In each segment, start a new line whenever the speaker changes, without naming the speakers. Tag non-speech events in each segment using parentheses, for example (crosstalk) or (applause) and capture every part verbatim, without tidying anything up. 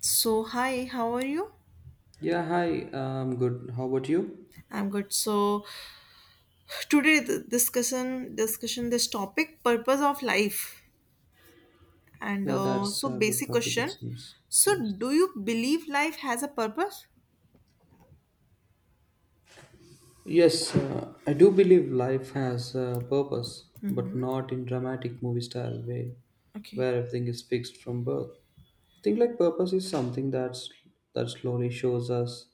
So hi, how are you?
Yeah, hi. Um, good. How about you?
I'm good. So today the discussion discussion this topic purpose of life and
Yeah,
uh,
that's
so
a good
basic
topic, it
question.
seems.
So
Yes.
do you believe life has a purpose?
Yes, uh, I do believe life has a purpose, but not in dramatic movie style way,
Okay,
where everything is fixed from birth. I think like purpose is something that's that slowly shows us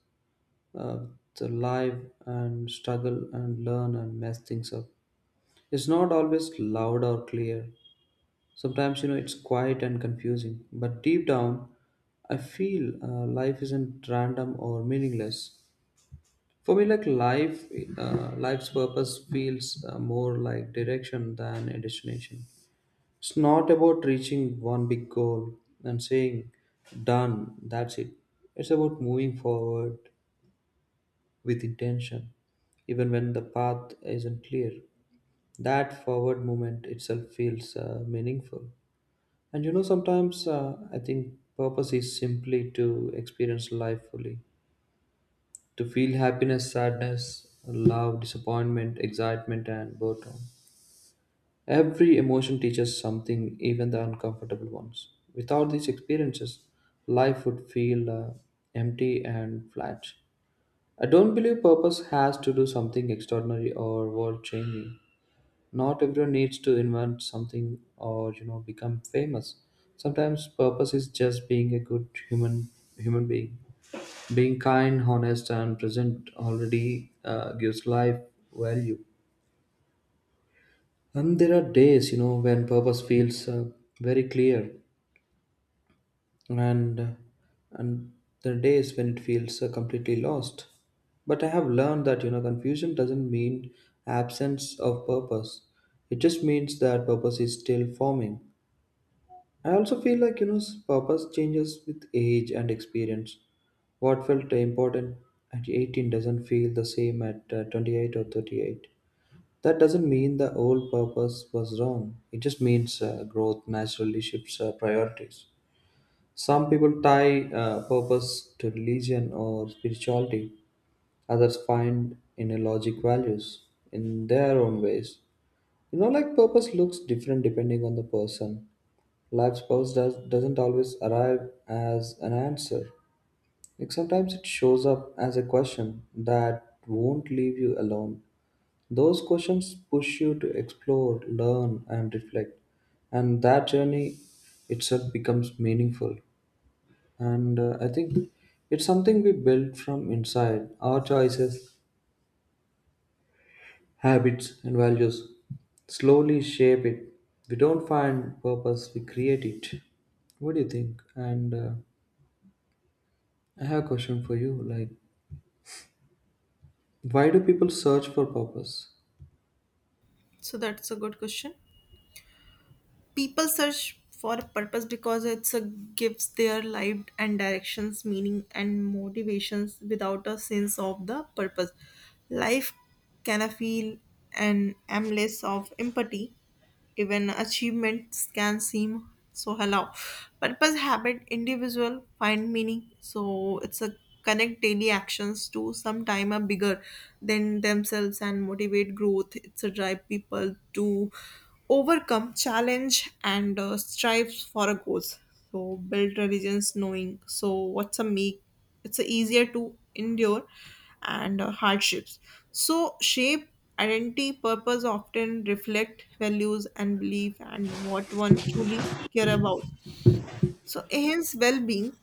uh, the life and struggle and learn and mess things up. It's not always loud or clear. Sometimes, you know, it's quiet and confusing, but deep down, I feel uh, life isn't random or meaningless. For me, like life, uh, life's purpose feels uh, more like direction than a destination. It's not about reaching one big goal and saying, done, that's it. It's about moving forward with intention, even when the path isn't clear. That forward movement itself feels uh, meaningful. And you know, sometimes uh, I think purpose is simply to experience life fully, to feel happiness, sadness, love, disappointment, excitement, and boredom. Every emotion teaches something, even the uncomfortable ones. Without these experiences, life would feel uh, empty and flat. I don't believe purpose has to do something extraordinary or world changing. Not everyone needs to invent something or you know become famous. Sometimes purpose is just being a good human human being. Being kind, honest, and present already uh, gives life value. And there are days you know when purpose feels uh, very clear. and and there are days when it feels uh, completely lost, but I have learned that you know confusion doesn't mean absence of purpose. It just means that purpose is still forming. I also feel like you know s- purpose changes with age and experience. What felt important at eighteen doesn't feel the same at uh, twenty-eight or thirty-eight. That doesn't mean the old purpose was wrong. It just means uh, growth naturally shifts uh, priorities. Some people tie uh, purpose to religion or spirituality. Others find inner logic values in their own ways. You know, like purpose looks different depending on the person. Life's purpose does, doesn't always arrive as an answer. Like sometimes it shows up as a question that won't leave you alone. Those questions push you to explore, learn, and reflect. And that journey itself becomes meaningful. And uh, I think it's something we build from inside. Our choices, habits, and values slowly shape it. We don't find purpose, we create it. What do you think? And uh, I have a question for you. Like, why do people search for purpose?
so that's a good question. People search for a purpose because it's a gives their life and directions meaning and motivations. Without a sense of the purpose, life can feel an endless of empathy, even achievements can seem so hollow. Purpose habit individual find meaning, so it's a connect daily actions to sometime a bigger than themselves and motivate growth. It's a drive people to overcome challenge and uh, strives for a goals, so build religions knowing so what's a make it's a easier to endure and uh, hardships, so shape identity. Purpose often reflect values and belief and what one truly care about, so enhance well being.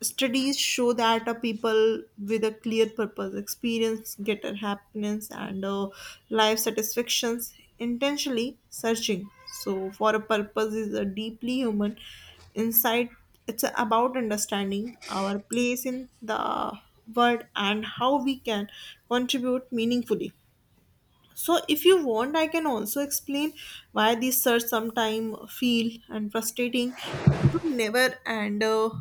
Studies show that uh, people with a clear purpose experience greater happiness and uh, life satisfactions intentionally searching. So, for a purpose is a deeply human insight. It's about understanding our place in the world and how we can contribute meaningfully. So if you want, I can also explain why these search sometimes feel and frustrating to never and uh,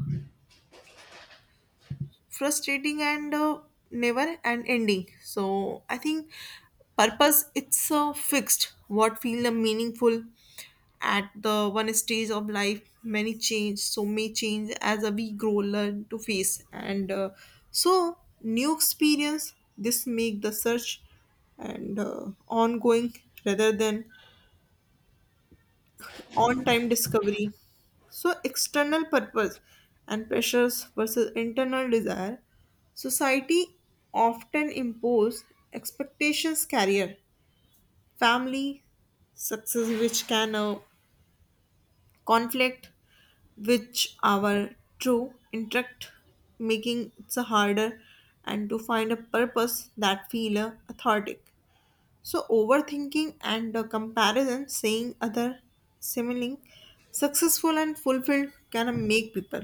frustrating and uh, never and ending. So I think purpose it's uh, fixed. What feel the meaningful at the one stage of life many change, so may change as a we grow, learn to face and uh, so new experience. This make the search and uh, ongoing rather than on time discovery. So, external purpose and pressures versus internal desire. Society often impose expectations, career, family, success, which can uh, conflict which our true interact, making it so harder and to find a purpose that feel uh, authentic. So overthinking and uh, comparison, saying other similing successful and fulfilled can uh, make people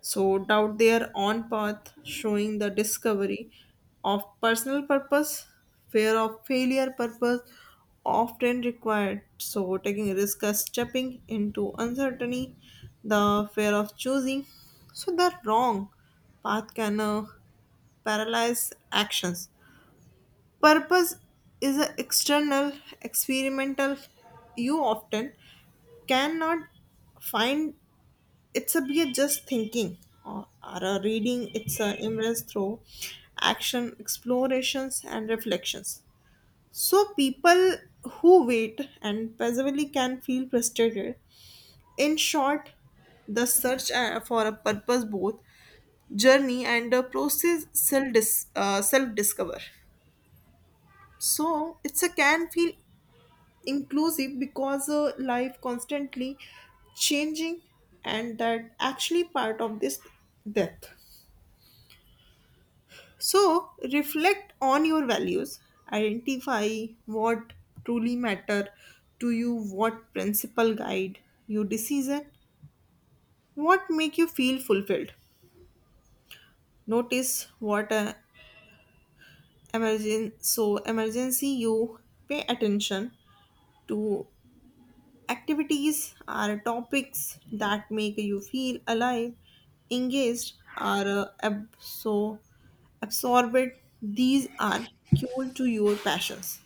so doubt their own path, showing the discovery of personal purpose, fear of failure purpose often required. So taking risk as stepping into uncertainty, the fear of choosing so the wrong path can uh, paralyze actions. Purpose is an external, experimental, you often cannot find it's a be a just thinking or, or a reading, it's a immerse through action, explorations, and reflections. So, people who wait and passively can feel frustrated. In short, the search uh, for a purpose, both journey and the process self dis- uh, self discover. So, it's a can feel inclusive because uh, life constantly changing, and that actually part of this death. So reflect on your values, identify what truly matter to you, what principle guide your decision, what make you feel fulfilled, notice what uh, emergen- so emergency you pay attention to. Activities are topics that make you feel alive, engaged, or uh, absor- absorbed. These are fuel to your passions.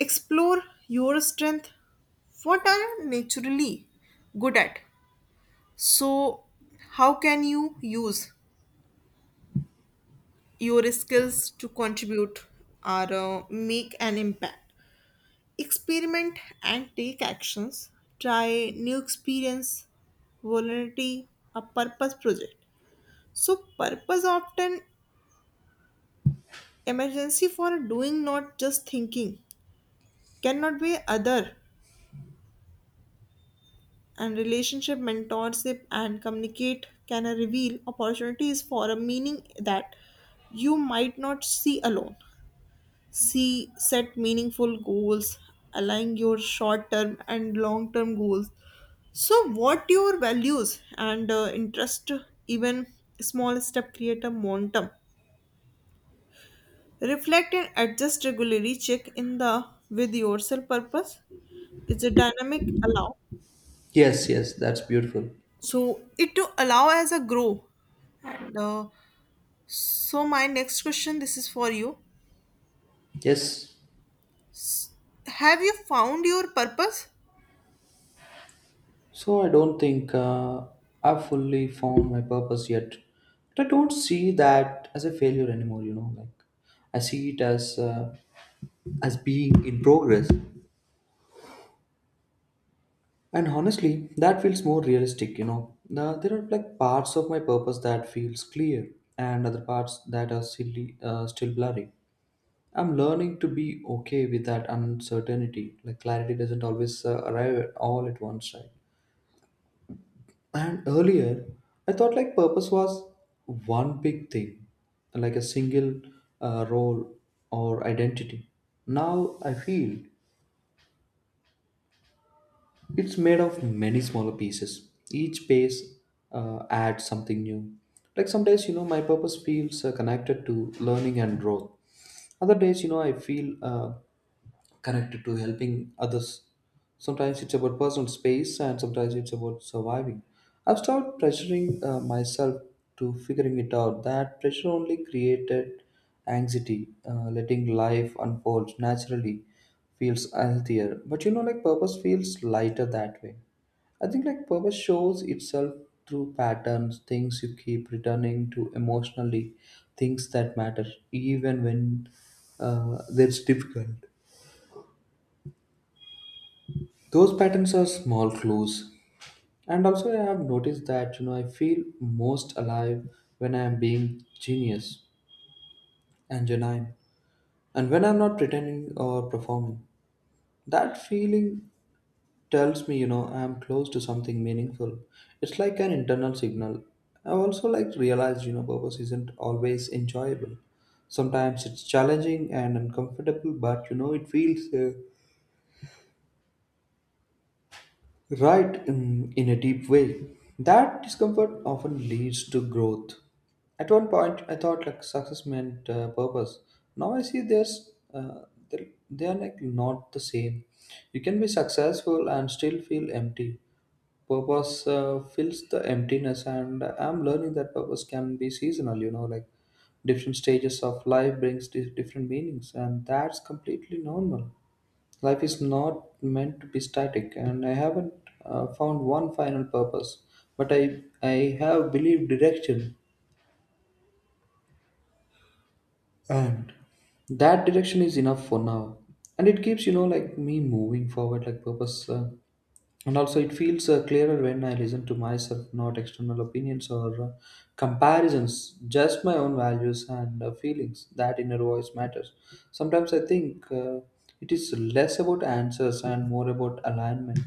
Explore your strength. What are you naturally good at? So, how can you use your skills to contribute or uh, make an impact? Experiment and take actions. Try new experience, volunteer, a purpose project. So purpose often emergency for doing, not just thinking, cannot be other, and relationship mentorship and communicate can reveal opportunities for a meaning that you might not see alone. C. Set meaningful goals, align your short term and long term goals. So, what your values and uh, interest, even small step create a momentum. Reflect and adjust regularly. Check in the with yourself purpose. It's a dynamic allow.
Yes, yes, that's beautiful.
So it to allow as a grow. And uh, so my next question, this is for you.
Yes.
Have you found your purpose?
So I don't think uh, I've fully found my purpose yet. But I don't see that as a failure anymore. You know, like I see it as uh, as being in progress. And honestly, that feels more realistic. You know, now, there are like parts of my purpose that feels clear, and other parts that are silly, uh, still blurry. I'm learning to be okay with that uncertainty. Like clarity doesn't always uh, arrive all at once, right? And earlier, I thought like purpose was one big thing, like a single uh, role or identity. Now I feel it's made of many smaller pieces. Each piece uh, adds something new. Like some days, you know, my purpose feels uh, connected to learning and growth. Other days, you know, I feel uh, connected to helping others. Sometimes it's about personal space, and sometimes it's about surviving. I've started pressuring uh, myself to figuring it out. That pressure only created anxiety. Uh, letting life unfold naturally feels healthier. But you know, like purpose feels lighter that way. I think like purpose shows itself through patterns, things you keep returning to emotionally, things that matter even when uh, that's difficult. Those patterns are small clues. And also, I have noticed that you know I feel most alive when I am being genius and genuine, and when I'm not pretending or performing. That feeling tells me, you know, I'm close to something meaningful. It's like an internal signal. I also like realized, you know, purpose isn't always enjoyable. Sometimes it's challenging and uncomfortable, but you know, it feels uh, right in, in a deep way. That discomfort often leads to growth. At one point, I thought like success meant uh, purpose. Now I see there's uh, they they are like not the same. You can be successful and still feel empty. Purpose uh, fills the emptiness, and I'm learning that purpose can be seasonal. You know, like different stages of life brings di- different meanings, and that's completely normal. Life is not meant to be static, and I haven't uh, found one final purpose, but i i have believed direction, and that direction is enough for now, and it keeps you know like me moving forward. Like purpose uh, and also it feels uh, clearer when I listen to myself, not external opinions or uh, comparisons, just my own values and uh, feelings. That inner voice matters. Sometimes I think uh, it is less about answers and more about alignment.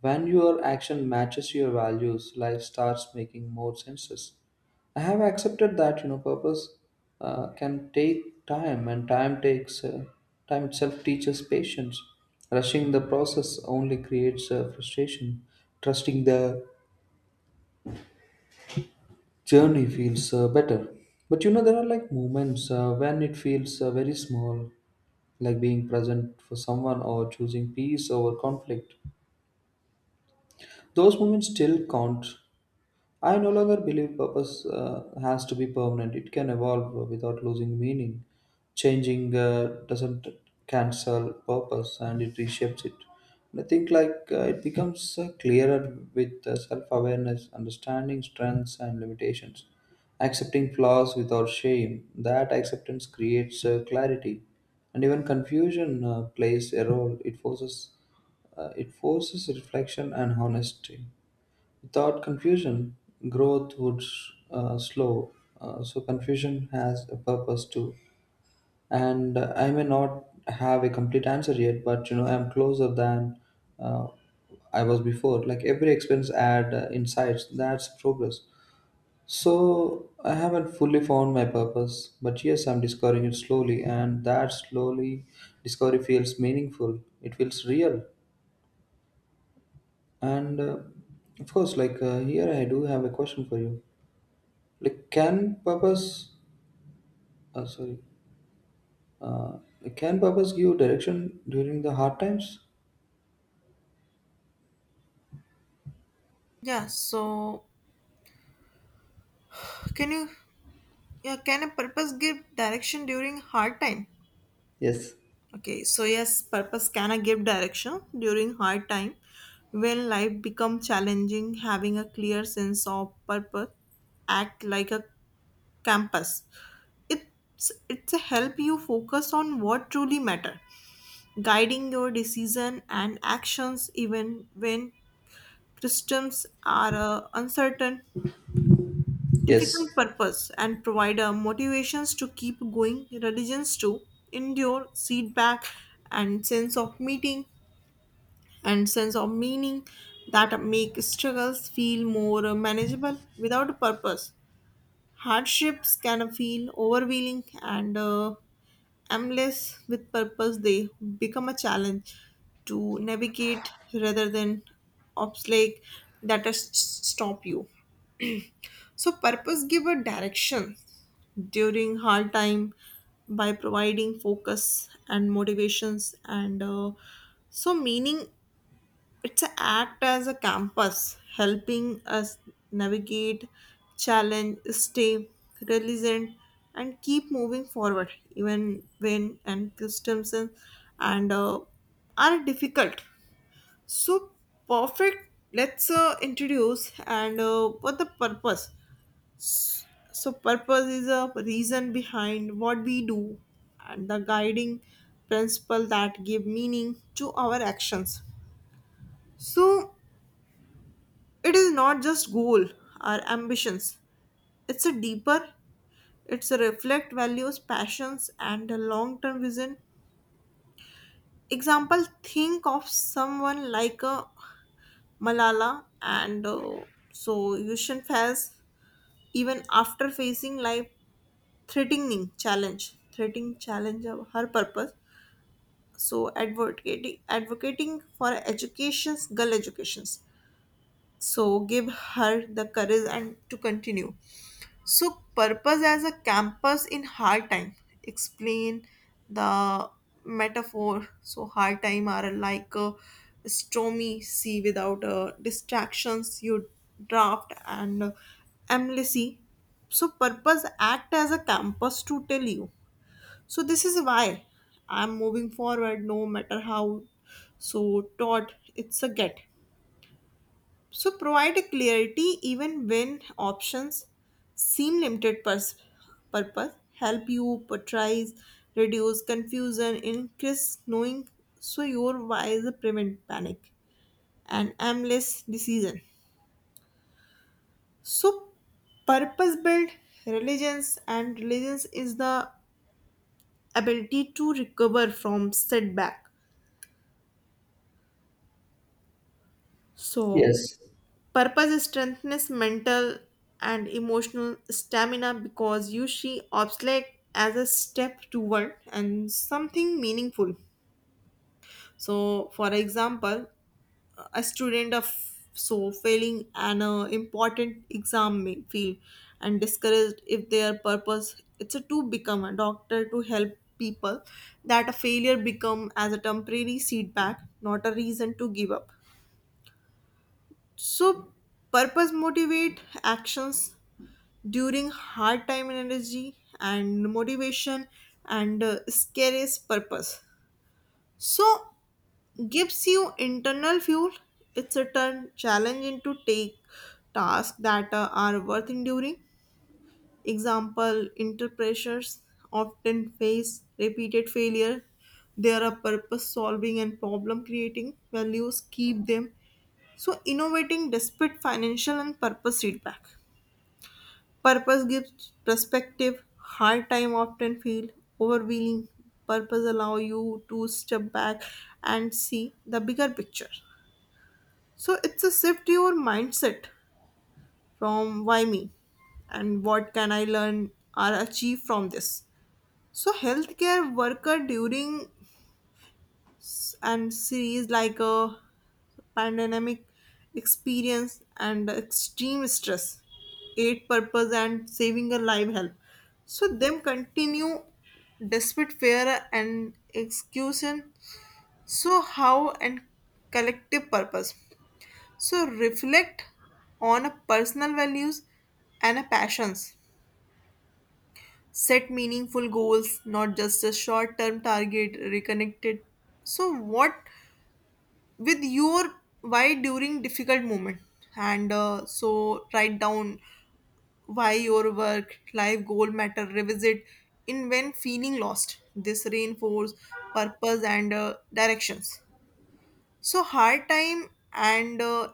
When your action matches your values, life starts making more sense. I have accepted that you know purpose uh, can take time, and time takes uh, time itself teaches patience. Rushing the process only creates uh, frustration. Trusting the journey feels uh, better. But you know there are like moments uh, when it feels uh, very small, like being present for someone or choosing peace over conflict. Those moments still count. I no longer believe purpose uh, has to be permanent. It can evolve without losing meaning. Changing uh, doesn't cancel purpose, and it reshapes it. And I think like uh, it becomes uh, clearer with uh, self-awareness, understanding strengths and limitations, accepting flaws without shame. That acceptance creates uh, clarity, and even confusion uh, plays a role. It forces uh, it forces reflection and honesty. Without confusion, growth would uh, slow. Uh, so confusion has a purpose too. And uh, I may not have a complete answer yet, but you know I'm closer than uh, I was before. Like every expense add uh, insights. That's progress. So I haven't fully found my purpose, but yes, I'm discovering it slowly, and that slowly discovery feels meaningful. It feels real, and uh, of course, like uh, here I do have a question for you. Like, can purpose, uh, sorry, uh, like, can purpose give direction during the hard times?
Yeah. So can you? Yeah, can a purpose give direction during hard time?
Yes,
Okay, so yes, purpose can a give direction during hard time. When life become challenging, having a clear sense of purpose act like a compass. It's it's a help you focus on what truly matter, guiding your decision and actions even when systems are uh, uncertain. Difficult
yes,
purpose and provider motivations to keep going, religions to endure, feedback and sense of meeting and sense of meaning that make struggles feel more uh, manageable. Without purpose, hardships can feel overwhelming and uh, endless. With purpose they become a challenge to navigate rather than obstacle that uh, s- stop you. So purpose give a direction during hard time by providing focus and motivations and uh, so meaning. It's a act as a compass helping us navigate challenge, stay resilient, and keep moving forward even when and customs and and, uh, are difficult. So perfect, let's uh, introduce and uh, what the purpose. So, purpose is a reason behind what we do and the guiding principle that give meaning to our actions. So, it is not just goal or ambitions. It's a deeper, it's a reflect values, passions and a long-term vision. Example, think of someone like a Malala and uh, so Yushin Faz, even after facing life threatening challenge, threatening challenge of her purpose, so advocating advocating for educations girl educations, so give her the courage and to continue. So purpose as a campus in hard time, explain the metaphor. So hard time are like a stormy sea. Without uh, distractions, you draft and uh, amnesty. So purpose act as a campus to tell you, so this is why I'm moving forward no matter how so taught it's a get. So provide a clarity even when options seem limited. Pers- purpose help you portrays, reduce confusion, increase knowing. So your why is a prevent panic and aimless decision. So purpose built religions, and religions is the ability to recover from setback. So
yes.
purpose strengthens mental and emotional stamina because you see obstacle as a step toward and something meaningful. So, for example, a student of so failing an uh, important exam may feel and discouraged. If their purpose it's a to become a doctor to help people, that a failure become as a temporary setback, not a reason to give up. So purpose motivate actions during hard time, and energy and motivation and uh, scariest purpose. So gives you internal fuel. It's a turn challenge into take tasks that uh, are worth enduring. Example, inter pressures often face repeated failure. They are a purpose solving and problem creating values. Keep them. So innovating despite financial and purpose feedback. Purpose gives perspective. Hard time often feel overwhelming. Purpose allow you to step back and see the bigger picture. So it's a shift your mindset from why me and what can I learn or achieve from this. So healthcare worker during and series like a pandemic experience and extreme stress aid purpose and saving a live help so them continue despite fear and execution. So how and collective purpose, so reflect on a personal values and a passions, set meaningful goals, not just a short term target reconnected so what with your why during difficult moment and uh, so write down why your work life goal matter, revisit in when feeling lost. This reinforce purpose and uh, directions. So hard time and uh,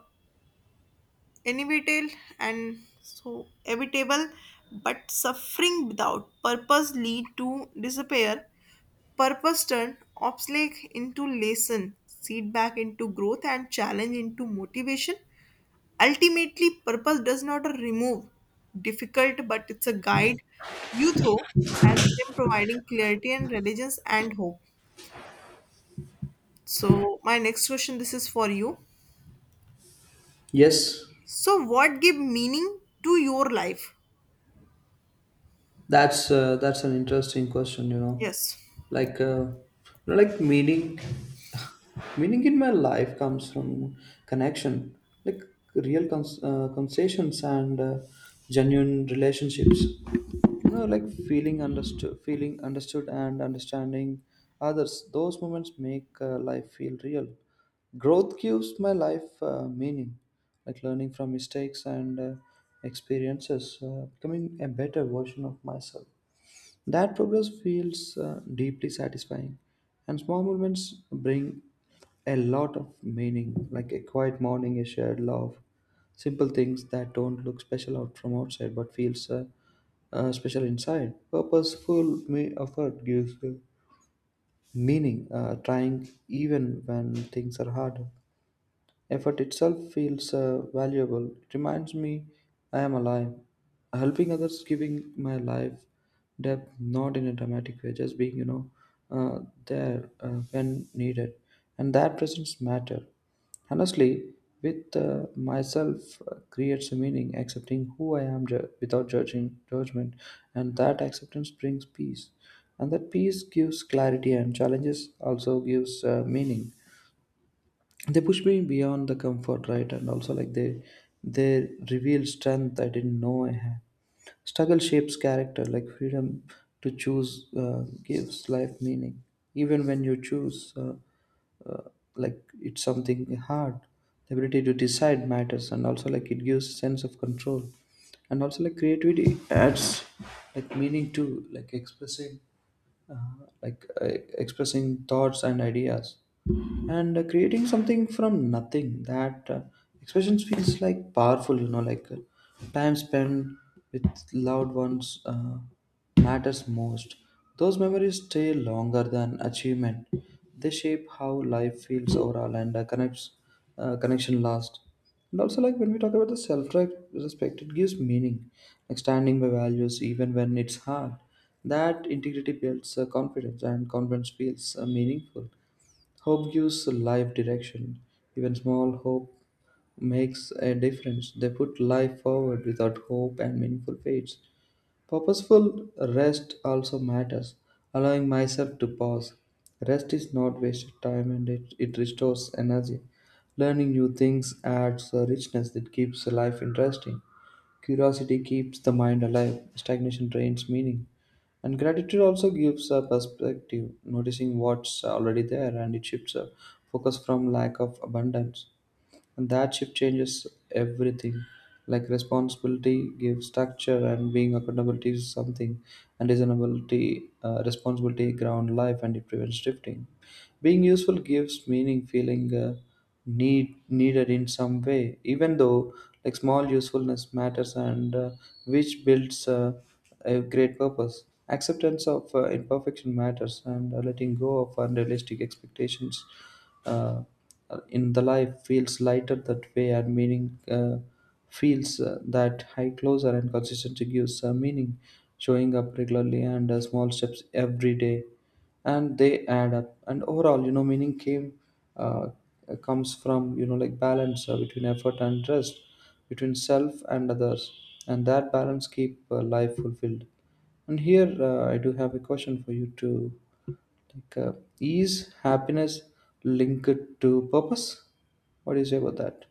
inevitable and so evitable, but suffering without purpose lead to disappear. Purpose turn obstacle into lesson, seed back into growth, and challenge into motivation. Ultimately purpose does not remove difficult, but it's a guide you throw, and then providing clarity and religions and hope. So my next question, this is for you,
Yes.
so what give meaning to your life?
That's uh, that's an interesting question, you know.
Yes.
Like, uh, you know, like meaning, (laughs) meaning in my life comes from connection, like real cons- uh, conversations and uh, genuine relationships. You know, like feeling understood, feeling understood, and understanding others. Those moments make uh, life feel real. Growth gives my life uh, meaning, like learning from mistakes and uh, experiences, uh, becoming a better version of myself. That progress feels uh, deeply satisfying, and small moments bring a lot of meaning, like a quiet morning, a shared love, simple things that don't look special out from outside but feels uh, uh, special inside. Purposeful me effort gives uh, meaning. Uh, trying even when things are hard. Effort itself feels uh, valuable. It reminds me I am alive. Helping others, giving my life depth, not in a dramatic way, just being, you know, uh, there uh, when needed. And that presence matter. Honestly, with uh, myself uh, creates a meaning, accepting who I am ju- without judging judgment, and that acceptance brings peace, and that peace gives clarity, and challenges also gives uh, meaning. They push me beyond the comfort right, and also like they they reveal strength I didn't know I had. Struggle shapes character. Like freedom to choose uh, gives life meaning, even when you choose uh, uh, like it's something hard. The ability to decide matters, and also like it gives sense of control. And also like creativity adds like meaning to like expressing like uh, expressing thoughts and ideas, and uh, creating something from nothing. That uh, expressions feels like powerful. You know, like uh, time spent with loved ones uh, matters most. Those memories stay longer than achievement. They shape how life feels overall, and uh, connects uh, connection last. And also like when we talk about the self respect, it gives meaning, like standing by values even when it's hard. That integrity builds uh, confidence, and confidence feels uh, meaningful. Hope gives life direction. Even small hope makes a difference. They put life forward, without hope and meaningful fades. Purposeful rest also matters, allowing myself to pause. Rest is not wasted time, and it, it restores energy. Learning new things adds a richness that keeps life interesting. Curiosity keeps the mind alive. Stagnation drains meaning. And gratitude also gives a perspective, noticing what's already there, and it shifts a focus from lack of abundance, and that shift changes everything. Like responsibility gives structure, and being accountable is something, and reasonability, uh, responsibility ground life, and it prevents drifting. Being useful gives meaning, feeling uh, need needed in some way, even though like small usefulness matters, and uh, which builds uh, a great purpose. Acceptance of uh, imperfection matters, and uh, letting go of unrealistic expectations uh, in the life feels lighter that way, and meaning uh, feels uh, that high closer, and consistency gives uh, meaning, showing up regularly, and uh, small steps every day, and they add up. And overall, you know, meaning came uh, comes from you know like balance uh, between effort and rest, between self and others, and that balance keep uh, life fulfilled. And here uh, I do have a question for you too. Like, uh, is happiness linked to purpose? What do you say about that?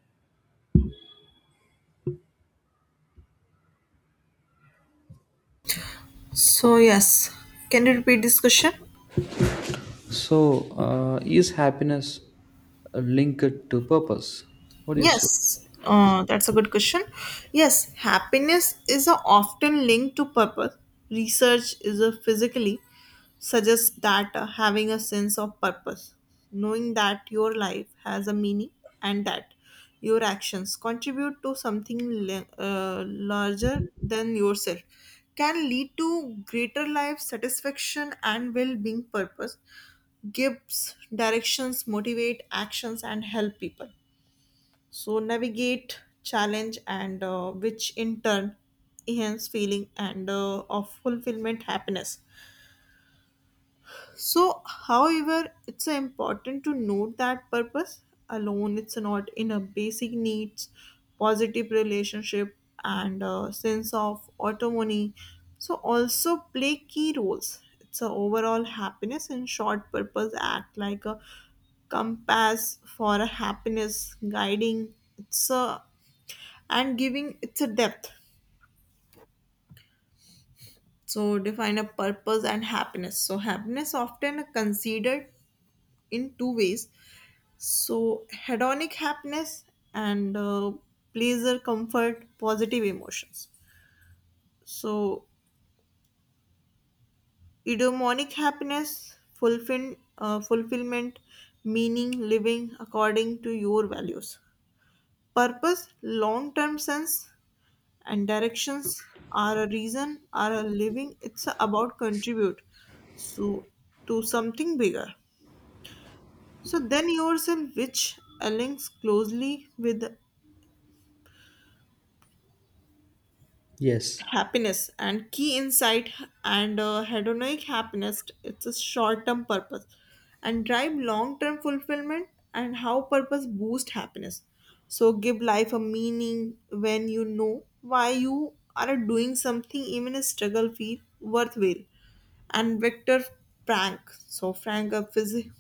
So yes, can you repeat this question?
So, uh, is happiness uh, linked to purpose? What do you say?
Yes, uh, that's a good question. Yes, happiness is a often linked to purpose. Research is a physically suggests that uh, having a sense of purpose, knowing that your life has a meaning and that your actions contribute to something le- uh, larger than yourself, can lead to greater life satisfaction and well-being. Purpose gives directions, motivate actions, and help people so navigate challenge and uh, which in turn enhance feeling and uh, of fulfillment happiness. So however, it's uh, important to note that purpose alone it's not in a basic needs, positive relationship and uh sense of autonomy so also play key roles it's a overall happiness. In short, purpose act like a compass for a happiness, guiding it's a and giving its a depth. So define a purpose and happiness. So happiness often considered in two ways. So hedonic happiness and uh, pleasure, comfort, positive emotions. So eudaimonic happiness, fulfill, uh, fulfillment, meaning, living according to your values. Purpose, long-term sense, and directions are a reason, are a living, it's about contribute so to something bigger so then yourself, which links closely with
Yes.
happiness, and key insight and uh, hedonic happiness it's a short-term purpose and drive long-term fulfillment. And how purpose boost happiness, so give life a meaning. When you know why you are doing something, even a struggle feel worthwhile. And victor frank, so frank a phys-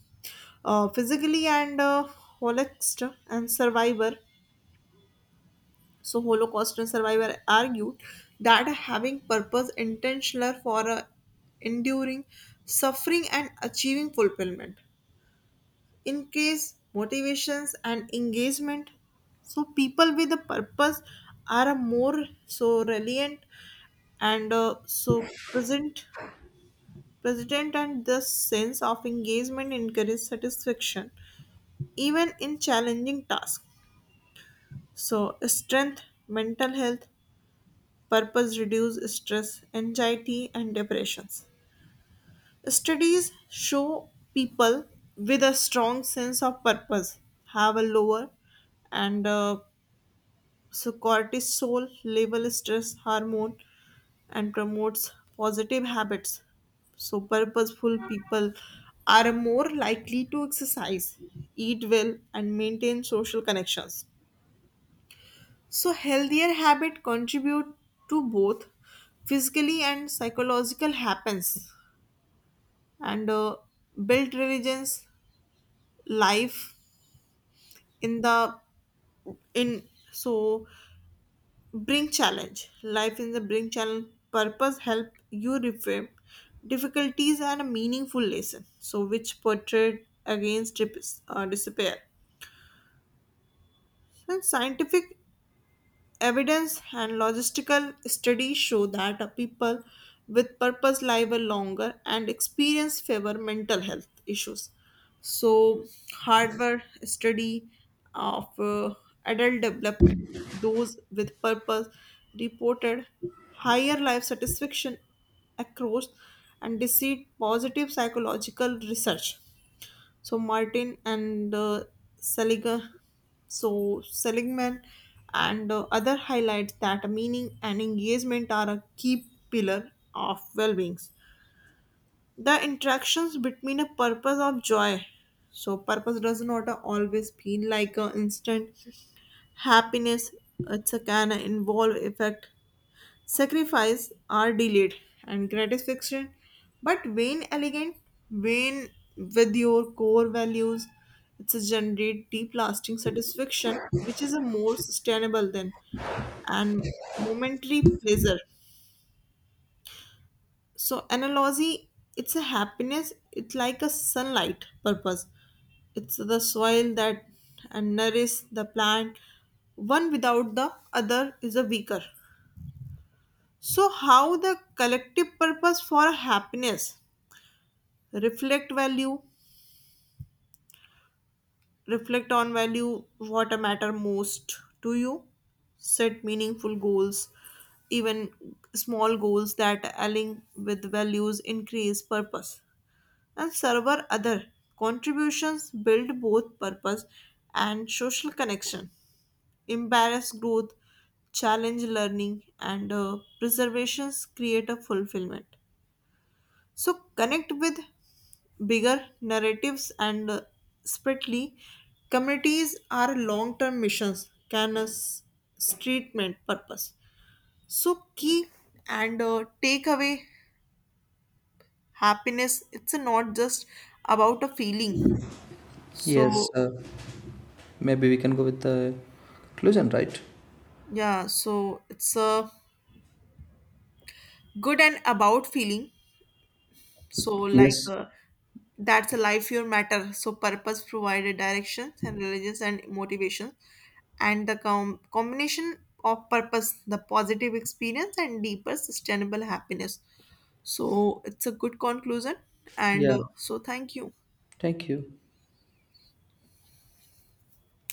uh, physically and uh, holocaust and survivor, so Holocaust survivors argued that having purpose intentional for uh, enduring suffering and achieving fulfillment. Increase motivations and engagement. So people with a purpose are a more so resilient and uh, so present present, and this sense of engagement encourages satisfaction even in challenging tasks. So strength, mental health purpose reduce stress, anxiety and depressions. Studies show people with a strong sense of purpose have a lower and uh, so cortisol level stress hormone, and promotes positive habits. So purposeful people are more likely to exercise, eat well, and maintain social connections. So healthier habit contribute to both physically and psychological happens, and uh, build religions life in the in so bring challenge life in the bring challenge purpose help you reframe difficulties and a meaningful lesson, so which portrayed against dip- uh, despair. And scientific evidence and logistical studies show that uh, people with purpose live a longer and experience favor mental health issues. So, hardware study of uh, adult development, those with purpose reported higher life satisfaction across and received positive psychological research. So Martin and uh, Selig- so Seligman and uh, other highlights that meaning and engagement are a key pillar of well-being. The interactions between a purpose of joy. So purpose does not always feel like an instant happiness. It's a can involve effect, sacrifice are delayed and gratification, but vain elegant, vain with your core values. It's a generate deep lasting satisfaction, which is a more sustainable than and momentary pleasure. So analogy, it's a happiness. It's like a sunlight purpose. It's the soil that and nourish the plant. One without the other is a weaker. So how the collective purpose for happiness, reflect value, reflect on value, what matter most to you, set meaningful goals, even small goals that align with values increase purpose and server other contributions build both purpose and social connection, embarrass growth challenge learning and uh, preservations create a fulfillment. So connect with bigger narratives and uh, spreadly communities are long-term missions can a s- treatment purpose. So key and uh, take away happiness it's not just about a feeling. So
Yes. Uh, maybe we can go with the conclusion, right?
yeah, so it's a good and about feeling. So like
Yes.
uh, that's a life your matter. So purpose provided directions and religious and motivation, and the com- combination of purpose, the positive experience, and deeper sustainable happiness. So it's a good conclusion, and uh,
Yeah.
so thank you.
Thank you.